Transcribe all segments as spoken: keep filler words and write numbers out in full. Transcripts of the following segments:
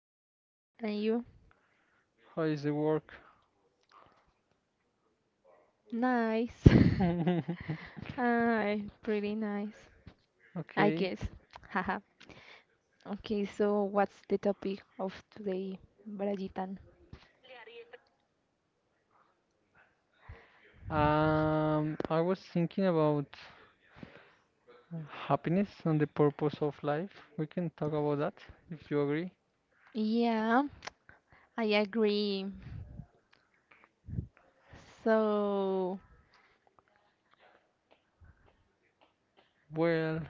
fine, fine. And you? How is the work? Nice. Ah, pretty nice, I Okay. guess. Haha. Okay, so what's the topic of today, Brayitan? Um, I was thinking about happiness and the purpose of life. We can talk about that if you agree. Yeah, I agree. So, Well,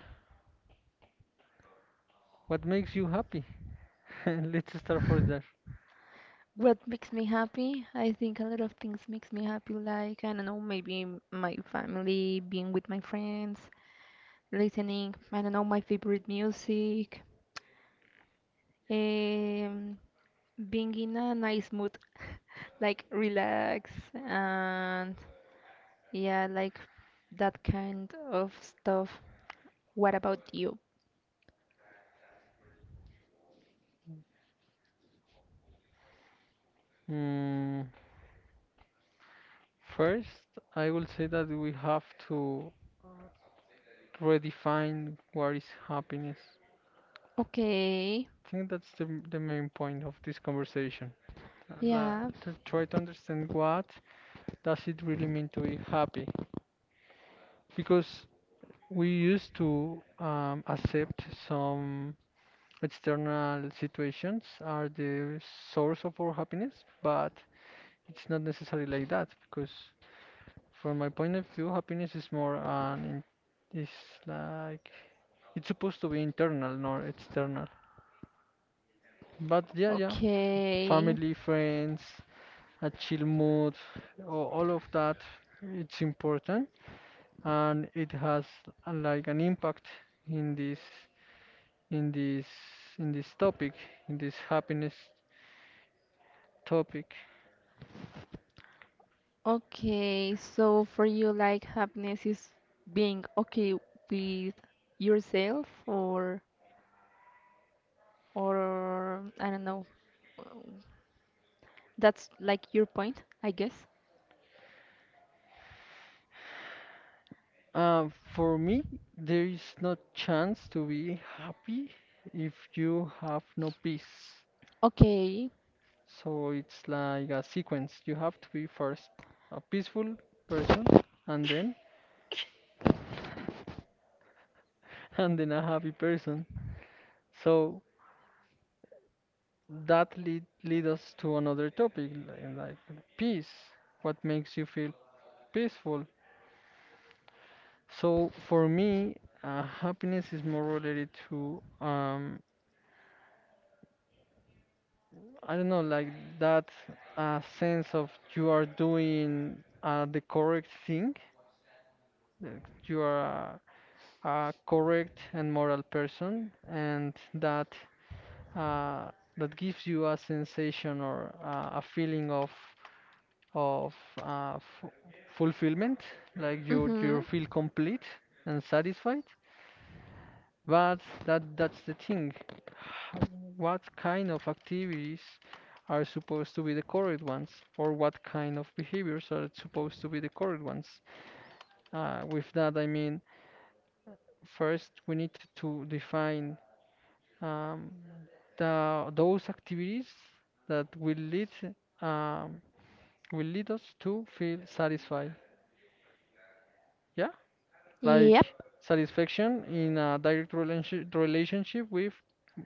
what makes you happy? Let's start for there. what makes me happy? I think a lot of things makes me happy, like, I don't know, maybe m- my family, being with my friends, listening, I don't know, my favorite music, um, being in a nice mood, like relax and yeah, like that kind of stuff. What about you? Mm, First, I will say that we have to redefine what is happiness. Okay. I think that's the, the main point of this conversation. Uh, la- Yeah. to try to understand what does it really mean to be happy because we used to um, accept some external situations are the source of our happiness, but it's not necessarily like that because from my point of view, happiness is more an in, is like it's supposed to be internal, not external. But yeah, yeah, Okay. family, friends, a chill mood, or all of that, it's important and it has uh, like an impact in this. in this in this topic, in this happiness topic. Okay. So for you, like happiness is being okay with yourself or or I don't know. That's like your point, I guess. Uh, for me, there is no chance to be happy if you have no peace. Okay. So it's like a sequence. You have to be first a peaceful person, and then and then a happy person. So that lead lead us to another topic, li- like peace. What makes you feel peaceful? So for me, uh, happiness is more related to um, I don't know, like that uh, sense of you are doing uh, the correct thing, that you are a, a correct and moral person, and that uh, that gives you a sensation or uh, a feeling of of uh, f fulfillment, like you Mm-hmm. you feel complete and satisfied. But that that's the thing. Ho- What kind of activities are supposed to be the correct ones, or what kind of behaviors are supposed to be the correct ones? Uh, with that, I mean, first we need to define um, the those activities that will lead um, will lead us to feel satisfied. Yeah. Like Yep. satisfaction in a direct relationship relationship with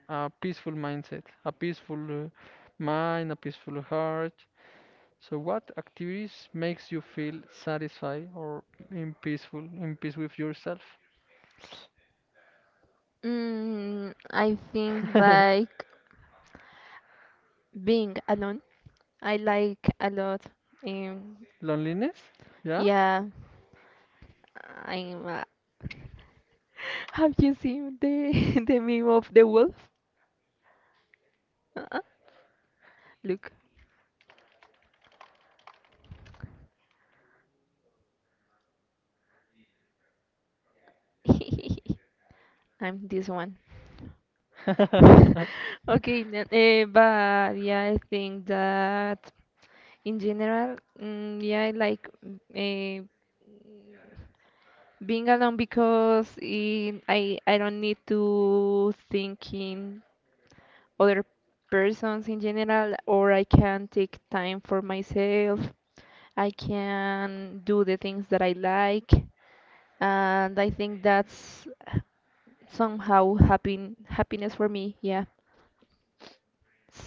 a peaceful mindset, a peaceful uh, mind, a peaceful heart. So what activities makes you feel satisfied or in peaceful, in peace with yourself? Mm, I think like being alone. I like a lot. Um, Loneliness? Yeah? yeah, I'm. Uh, have you seen the the meme of the wolf? Uh-uh. Look, I'm this one. Okay, then, eh, but yeah, I think that in general, mm, yeah, I like uh, being alone because in, I I don't need to thinking other persons in general, or I can take time for myself. I can do the things that I like, and I think that's somehow happy happiness for me. Yeah.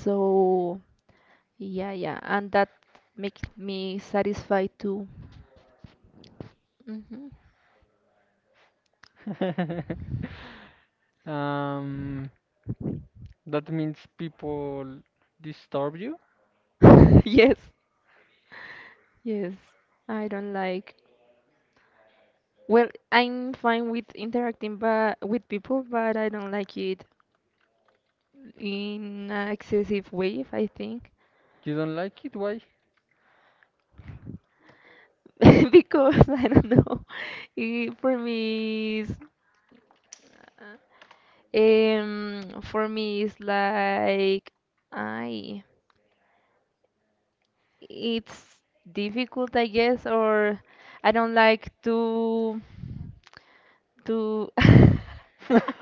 So yeah, yeah, and that makes me satisfied too. Hmm um, that means people disturb you? Yes, yes. I don't like. Well, I'm fine with interacting but with people, but I don't like it in an excessive way, I think. You don't like it? Why? because I don't know. It, for me, is um, for me it's like I it's difficult, I guess, or I don't like to to.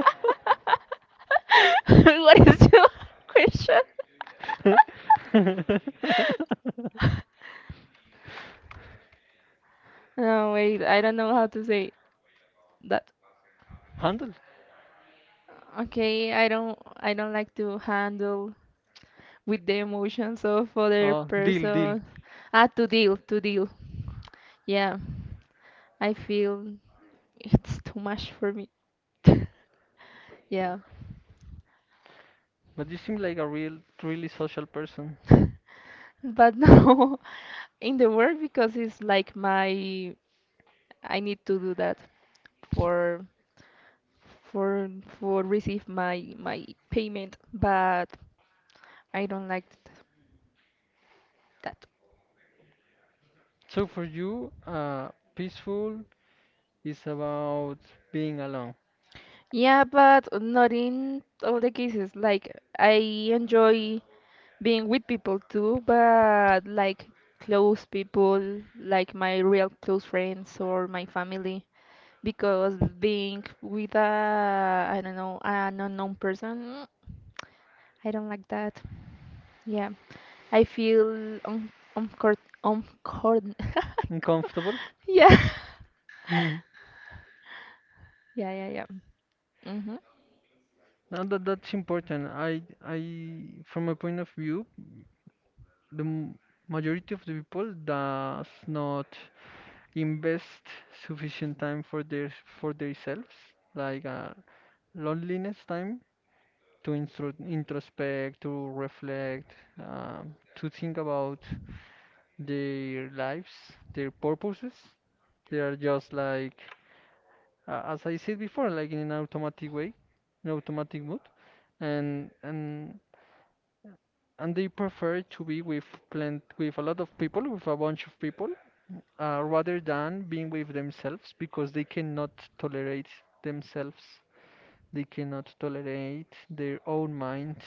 What is your question? No, wait, I don't know how to say that. Handle. Okay, I don't I don't like to handle with the emotions of other Oh, deal, deal. person. Ah, to deal, to deal. Yeah, I feel it's too much for me. Yeah, But you seem like a real, really social person. but no, in the work because it's like my I need to do that for for for receive my my payment, but I don't like th- that. So for you, uh, peaceful is about being alone, Yeah, but not in all the cases. Like I enjoy. Being with people too, but like close people, like my real close friends or my family, because being with a, I don't know, an unknown person, mm, I don't like that. Yeah, I feel un uncoord uncoord uncomfortable. yeah, Mm. yeah, yeah, yeah. Mm-hmm. Now that that's important. I, I, from my point of view, the m- majority of the people does not invest sufficient time for their for themselves, like uh, loneliness time. To instro- introspect, to reflect, um, to think about their lives, their purposes. They are just like, uh, as I said before, like in an automatic way, an automatic mood, and and and they prefer to be with plant with a lot of people, with a bunch of people, uh, rather than being with themselves because they cannot tolerate themselves. They cannot tolerate their own mind,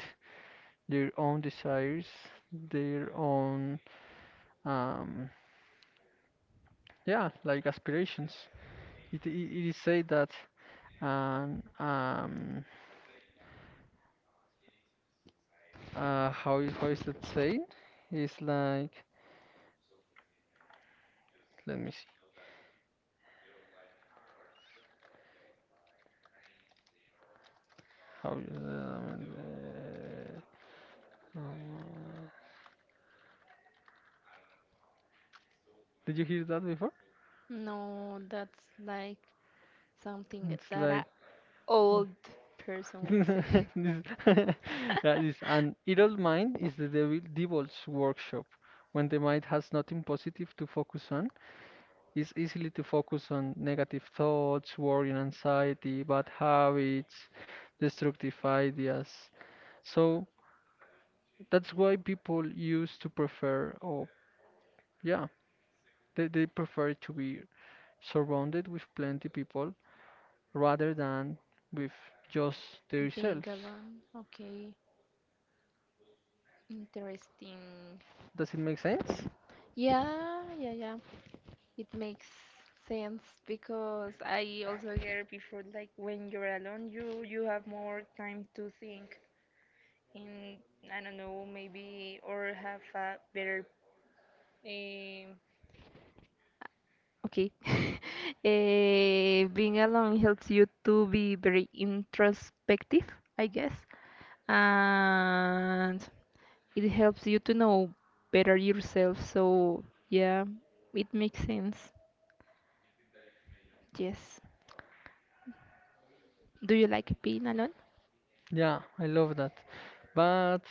their own desires, their own um, yeah, like aspirations. It, it, it is said that um, um, uh, how is- how is that said? It's like let me see how. Um, uh, uh, did you hear that before? No, that's like something It's that like a old person would say. this, yeah, this an idle mind is the devil, devil's workshop. When the mind has nothing positive to focus on, it's easily to focus on negative thoughts, worry and anxiety, bad habits, destructive ideas. So that's why people used to prefer, oh, yeah, they, they prefer to be surrounded with plenty people rather than with just Being themselves. alone, okay. Interesting. Does it make sense? Yeah, yeah, yeah. It makes sense because I also heard before like when you're alone you you have more time to think and I don't know maybe or have a better um okay Eh, being alone helps you to be very introspective, I guess, and it helps you to know better yourself. So yeah, it makes sense. Yes. Do you like being alone? Yeah, I love that. But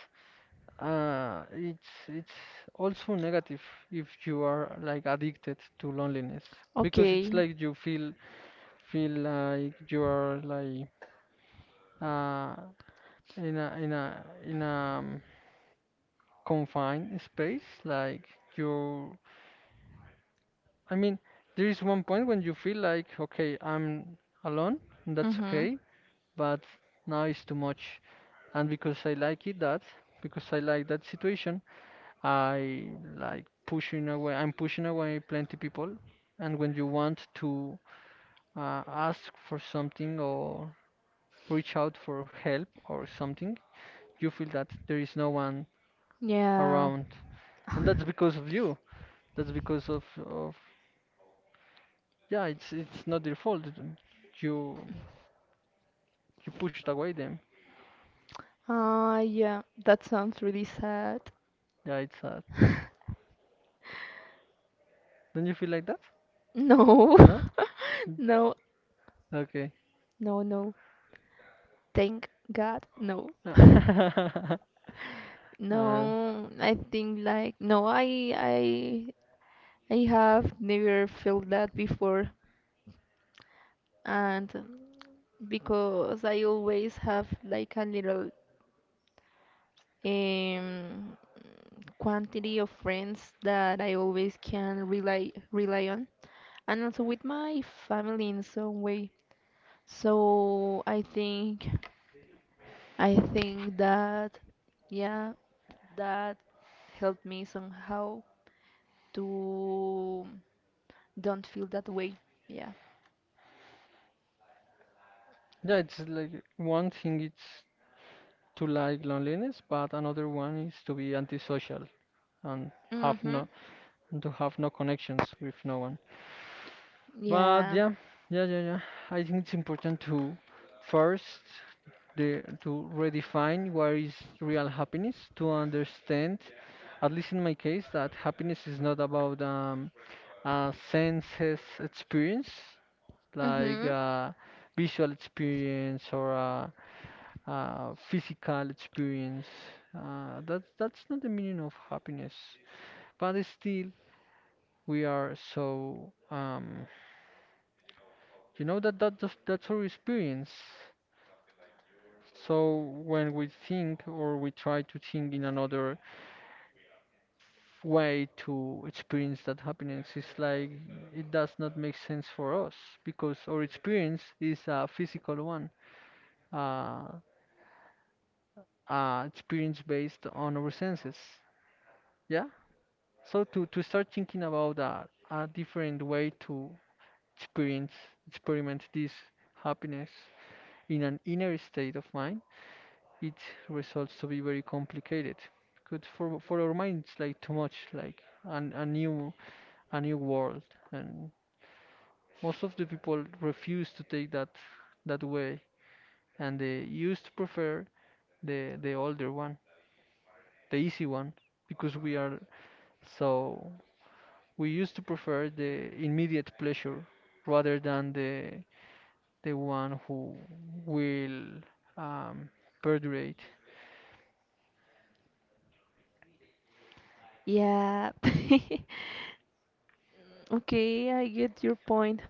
uh, it's it's also negative if you are like addicted to loneliness because it's Okay. like you feel feel like you are like uh, in a in a in a um, confined space. Like you, I mean, there is one point when you feel like, okay, I'm alone, and that's Mm-hmm. okay. But now it's too much, and because I like it that, because I like that situation, I like pushing away. I'm pushing away plenty people, and when you want to uh, ask for something or reach out for help or something, you feel that there is no one Yeah. around, and that's because of you, that's because of of yeah, it's it's not your fault. You you pushed away them. Ah, yeah. That sounds really sad. Yeah, it's sad. Don't you feel like that? No. No? No, Okay. no, no. Thank God, no. uh, yeah, No, I think like no, I I I have never felt that before, and because I always have like a little um quantity of friends that I always can rely rely on, and also with my family in some way. So I think I think that yeah, that helped me somehow to don't feel that way. Yeah. it's like one thing it's to like loneliness, but another one is to be antisocial and have no Mhm. and to have no connections with no one. But Yeah. yeah, yeah, yeah, yeah. I think it's important to first the to redefine what is real happiness, to understand, at least in my case, that happiness is not about um, a senses experience, like Mhm. a visual experience or a, a physical experience. Uh, that that's not the meaning of happiness. But still, we are so um, You know that, that that's, that's our experience. So when we think or we try to think in another way to experience that happiness, it's like it does not make sense for us because our experience is a physical one, uh, uh, experience based on our senses. Yeah. So to to start thinking about a, a different way to experience experiment this happiness in an inner state of mind, it results to be very complicated. Good for for our minds, like too much, like an, a new a new world, and most of the people refuse to take that that way, and they used to prefer the the older one, the easy one, because we are so we used to prefer the immediate pleasure rather than the the one who will um, perdurate. Yeah. Okay, I get your point,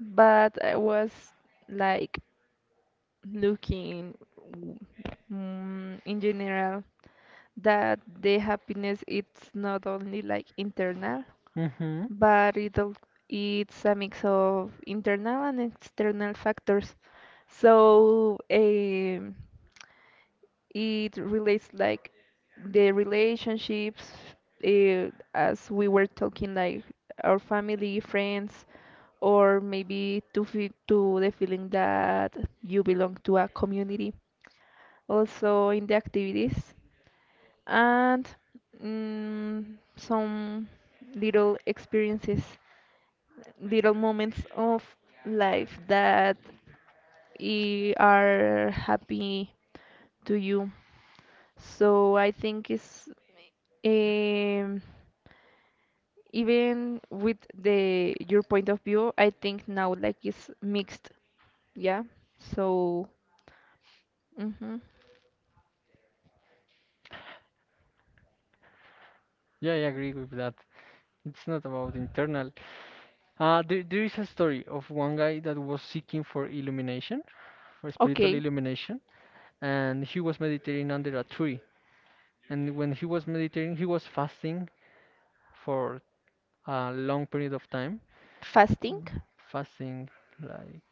but I was like looking w- mm, in general that the happiness it's not only like internal Hmm. but it al- it's a mix of internal and external factors so um, it relates like the relationships uh, as we were talking like our family friends or maybe to feel to the feeling that you belong to a community also in the activities and mm, some little experiences, little moments of life that i- are happy to you. So I think it's um, even with the your point of view, I think now like it's mixed, yeah. So mhm. Yeah, I agree with that. It's not about internal. Uh, there, there is a story of one guy that was seeking for illumination, for spiritual Okay, illumination, and he was meditating under a tree. And when he was meditating, he was fasting for a long period of time, fasting. fasting, like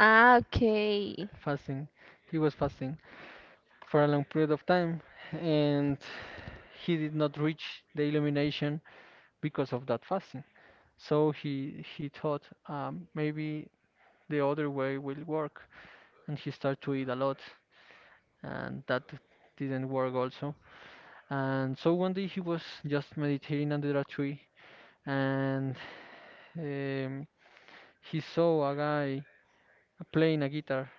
Ah, okay. fasting. He was fasting for a long period of time, and he did not reach the illumination because of that fasting. So he he thought um, maybe the other way will work, and he started to eat a lot and that didn't work also. And so one day he was just meditating under a tree, and um, he saw a guy playing a guitar,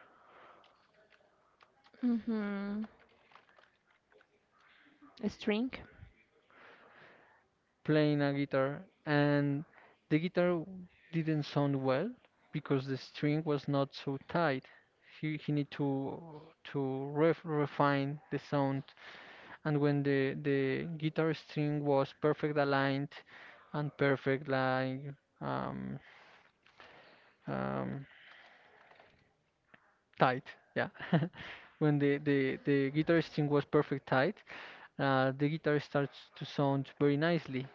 Mm-hmm. A string. playing a guitar, and the guitar didn't sound well because the string was not so tight. He, he need to to ref, refine the sound, and when the the guitar string was perfect aligned and perfect like um, um, tight. Yeah, when the the the guitar string was perfect tight, uh, the guitar starts to sound very nicely.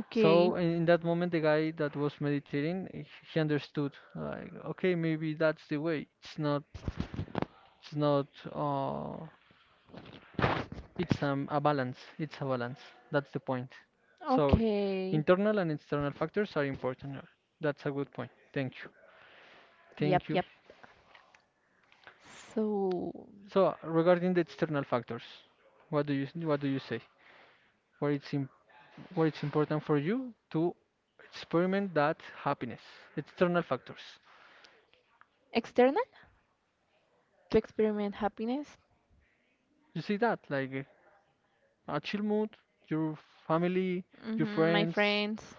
Okay. So in, in that moment, the guy that was meditating, he he understood. Like, okay, maybe that's the way. It's not. It's not. Uh, it's um, a balance. It's a balance. That's the point. So Okay. internal and external factors are important. That's a good point. Thank you. Yep, Thank you. yep. So, So regarding the external factors, what do you what do you say? What is im where it's important for you to experiment that happiness, external factors. external to experiment happiness. You see that, like uh, a chill mood, your family, your Mm-hmm. My friends, friends.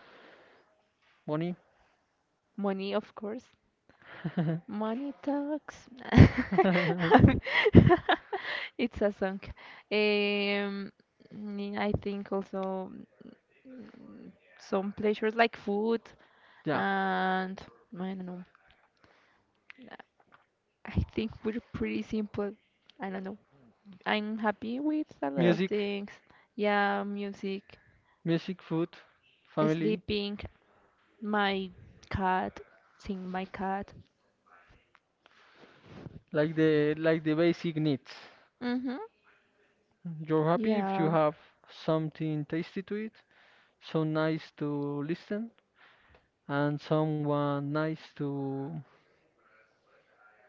money. Money, of course. Money talks. It's a song. Um, mm, I think also mm, some pleasures like food Yeah, and I don't know. I think we're pretty simple. I don't know. I'm happy with a lot of music, things. Yeah, music, music, food, family, sleeping, my cat, seeing my cat. like the like the basic needs. Mhm. You're happy if you Yeah. have something tasty to eat, so nice to listen, and someone nice to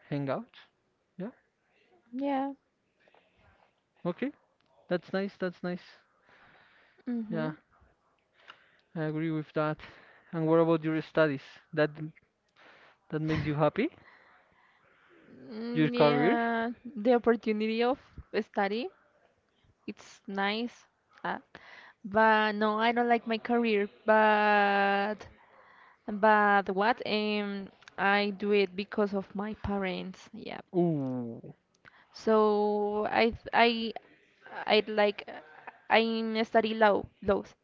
hang out. Yeah, Yeah. okay. That's nice. That's nice. Yeah, Mhm. I agree with that. And what about your studies? That that makes you happy? Your Mm, career? yeah. The opportunity of study, it's nice. Uh, but no, I don't like my career. But but what? Um, I do it because of my parents. Yeah. Ooh, So I th- I I like uh, I study law laws,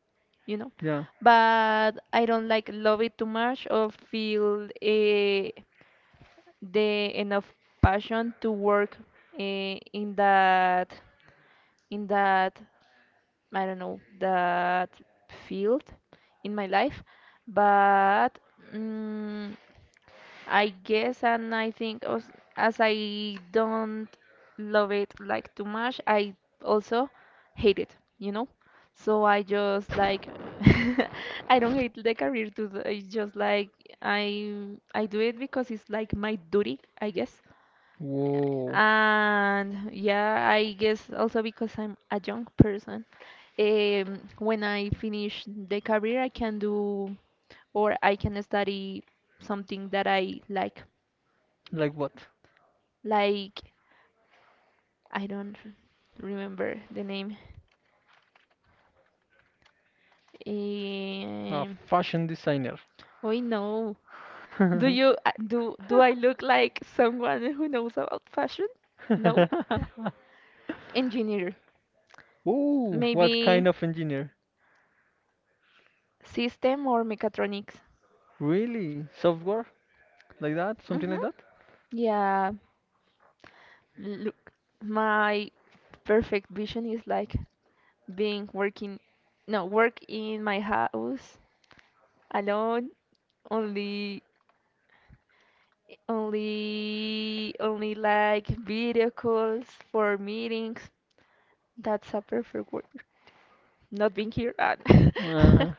you know, yeah. but I don't like love it too much or feel uh, the enough passion to work uh, in that in that I don't know that field in my life, but. mm I guess, and I think as, as I don't love it like too much, I also hate it, you know? So I just like I don't hate the career to the, it's just like I I do it because it's like my duty, I guess. Whoa. And yeah, I guess also because I'm a young person. Um, when I finish the career, I can do or I can study something that I like. Like what? Like I don't remember the name. A Um, fashion designer. oh no. Do you uh, do do I look like someone who knows about fashion? No. Engineer. Ooh, what Maybe kind of engineer? system or mechatronics. Really? Software? Like that? Something like Mm-hmm. that? Yeah. Look, my perfect vision is like being working, no, work in my house alone, only Only only like video calls for meetings. That's a perfect word. Not being here. and- Uh,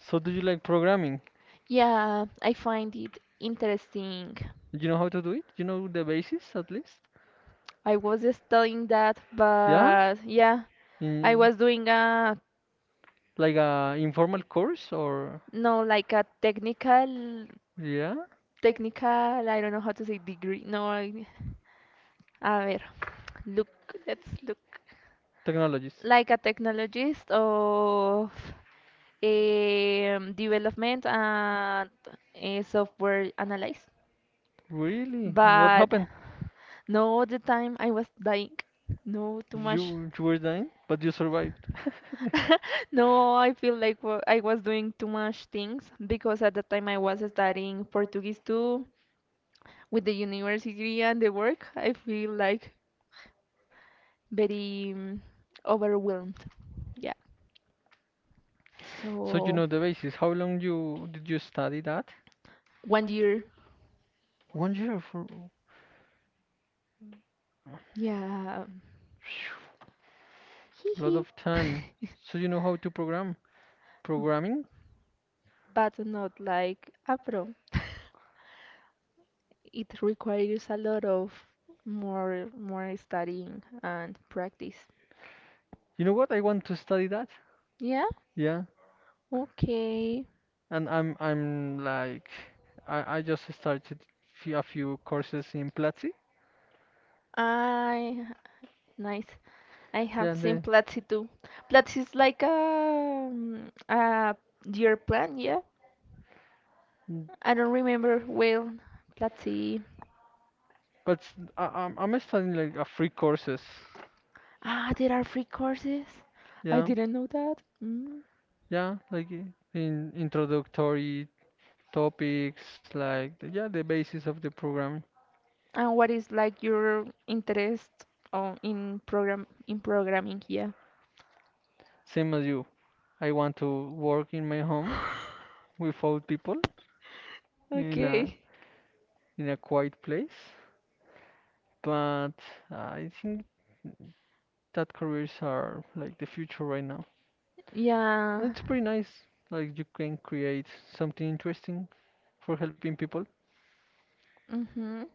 so do you like programming? Yeah, I find it interesting. Do you know how to do it? You know the basis at least? I was studying that, Yeah? but yeah, I In, was doing a like a informal course or, no like a technical yeah? technical, I don't know how to say degree. No, I, a ver. Look, let's look. Technologies. Like a technologist of um, development and uh, software analyze. Really? What But happened? no, the time I was dying. No, too much. You, you were dying, but you survived. No, I feel like wa- I was doing too much things because at the time I was studying Portuguese too with the university and the work. I feel like very um, overwhelmed. Yeah. So you So know the basis. How long you did you study that? one year. One year for Yeah. Hee a lot hee. of time. So you know how to program programming? but not like Afro. It requires a lot of more more studying and practice. You know what? I want to study that. Yeah, Yeah. okay. And I'm I'm like I I just started fe- a few courses in Platzi. I nice. I Yeah. have seen the Platzi too. Platzi is like a um, a year plan, yeah. Mm, I don't remember well. Platzi. But s- I, am I'm studying like a free courses. Ah, there are free courses. I Yeah, didn't know that. Mm. yeah, like i- in introductory topics, like the, yeah, the basis of the programming. And what is like your interest on in program in programming? Yeah. Same as you, I want to work in my home without people. In a Okay. Okay. In a quiet place. But I think that careers are like the future right now. Yeah. It's pretty nice. Like you can create something interesting for helping people. Mhm.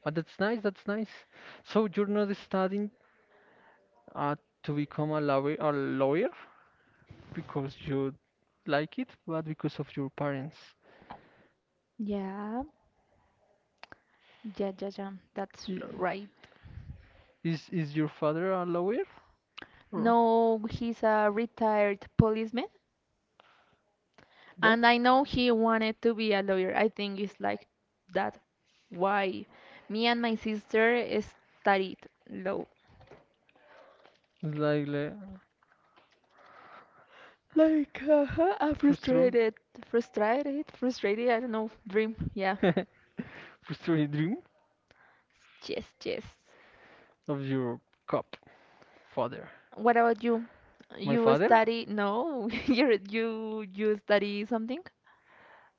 But that's nice, that's nice. So you're not studying uh, to become a lawyer, a lawyer because you like it, but because of your parents. Yeah. Yeah, yeah, yeah. That's I- right. Is is your father a lawyer or No, he's a retired policeman, what? and I know he wanted to be a lawyer. I think it's like that. Why? Me and my sister studied law. like like Like, uh, a frustrate. frustrated, frustrated, frustrated. I don't know. Dream. Yeah. Frustrated dream Yes, yes. of your cop father. What about you? My You father? study? No, you you you study something?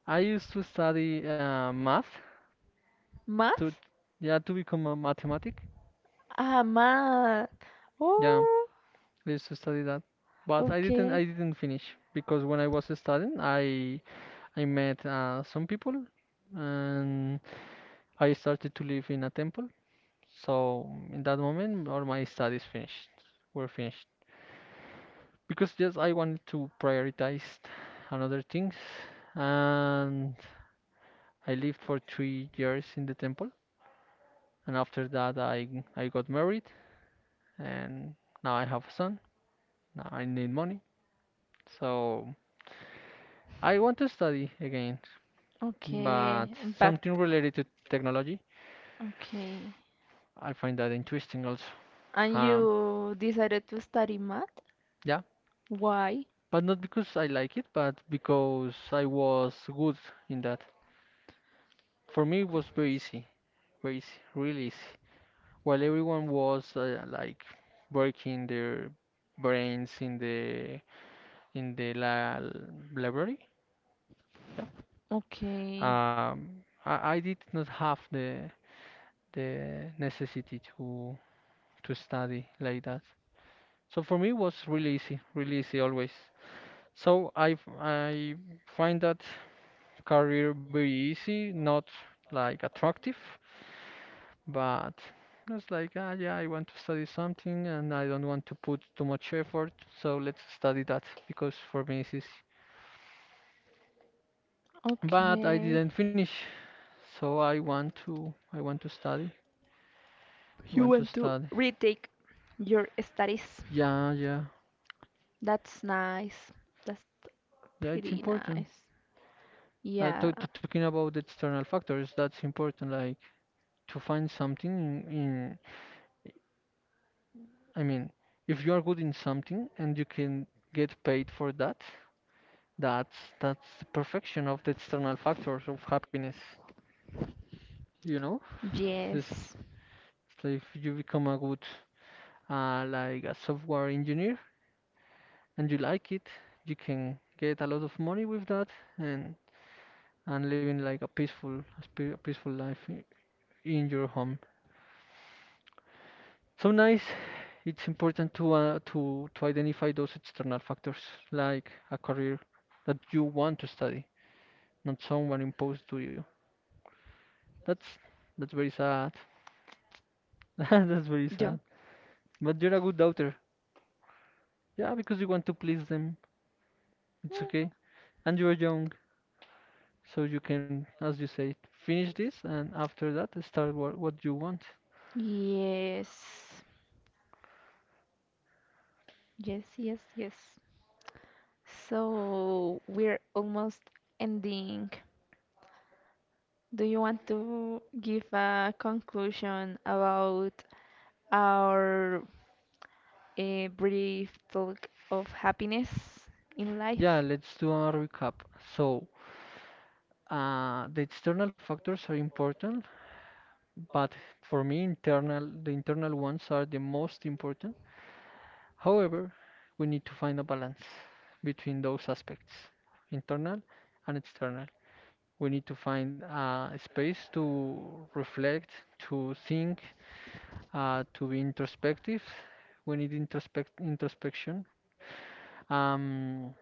I used to study uh, math to, Math? yeah, to become a mathematic. Ah, math. Yeah, Oh, I used to study that, but I didn't okay. I didn't finish because when I was studying, I I met uh, some people, and I started to live in a temple. So in that moment, all my studies finished were finished because just I wanted to prioritize another things, and I lived for three years in the temple. And after that, I I got married and now I have a son. Now I need money, so I want to study again, but Okay, but something related to technology. okay. I find that interesting also. And Um, you decided to study math? yeah, Why? but not because I like it, but because I was good in that. For me, it was very easy, very easy, really easy. While everyone was uh, like working their brains in the in the la library, yeah. Okay. Um, I, I did not have the the necessity to to study like that. So for me it was really easy, really easy always. So I f- I find that career very easy, not like attractive, but it's like ah yeah, I want to study something and I don't want to put too much effort, so let's study that because for me it's easy. But I Okay. didn't finish, so I want to I want to study. I You want to want to study. retake your studies. Yeah, yeah, That's nice. That's yeah, it's pretty important. nice. Uh, Yeah. To, to, talking about the external factors, that's important. Like to find something in, in, I mean, if you are good in something and you can get paid for that, that's that's the perfection of the external factors of happiness. You know, this, Yes. so if you become a good, uh, like a software engineer and you like it, you can get a lot of money with that and and living like a peaceful, a spe- peaceful life i- in your home. So nice. It's important to uh, to to identify those external factors, like a career that you want to study, not someone imposed to you. That's that's very sad. That's very Yeah. sad. But you're a good daughter. Yeah, because you want to please them. It's okay. And you're young, so you can, as you say, finish this and after that start what, what you want. Yes. Yes, yes, yes. So we're almost ending. Do you want to give a conclusion about our uh, brief talk of happiness in Yeah, life? let's do a recap. So, uh, the external factors are important, but for me internal the internal ones are the most important. However, we need to find a balance between those aspects, internal and external. We need to find uh, a space to reflect, to think, uh, to be introspective. We need introspect introspection. um,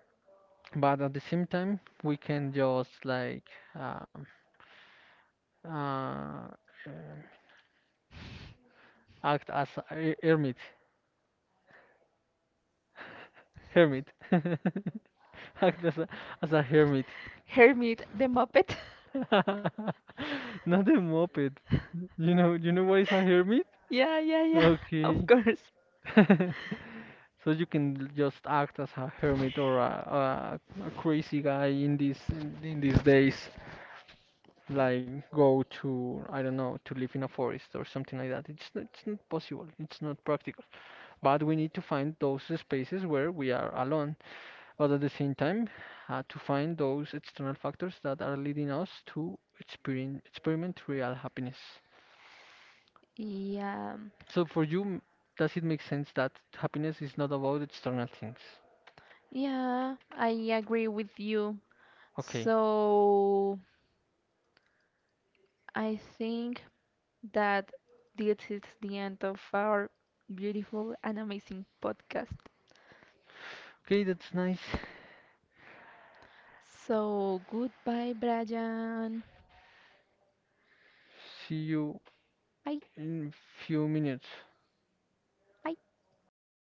but at the same time we can just like um, uh, uh, act as a hermit, hermit act as a, as a hermit. Hermit the Muppet? Not a moped. You know, you know what is a hermit? Yeah, yeah, yeah, of Okay. course. So you can just act as a hermit or a, a, a crazy guy in these in these days, like go to I don't know to live in a forest or something like that. It's not, it's not possible. It's not practical. But we need to find those spaces where we are alone, but at the same time, uh, to find those external factors that are leading us to experien experiment real happiness. Yeah, So for you, m- does it make sense that happiness is not about external things? yeah, I agree with you. Okay. So I think that this is the end of our beautiful and amazing podcast. Okay, that's nice. So goodbye, Brian. See you Bye. in few minutes. Bye.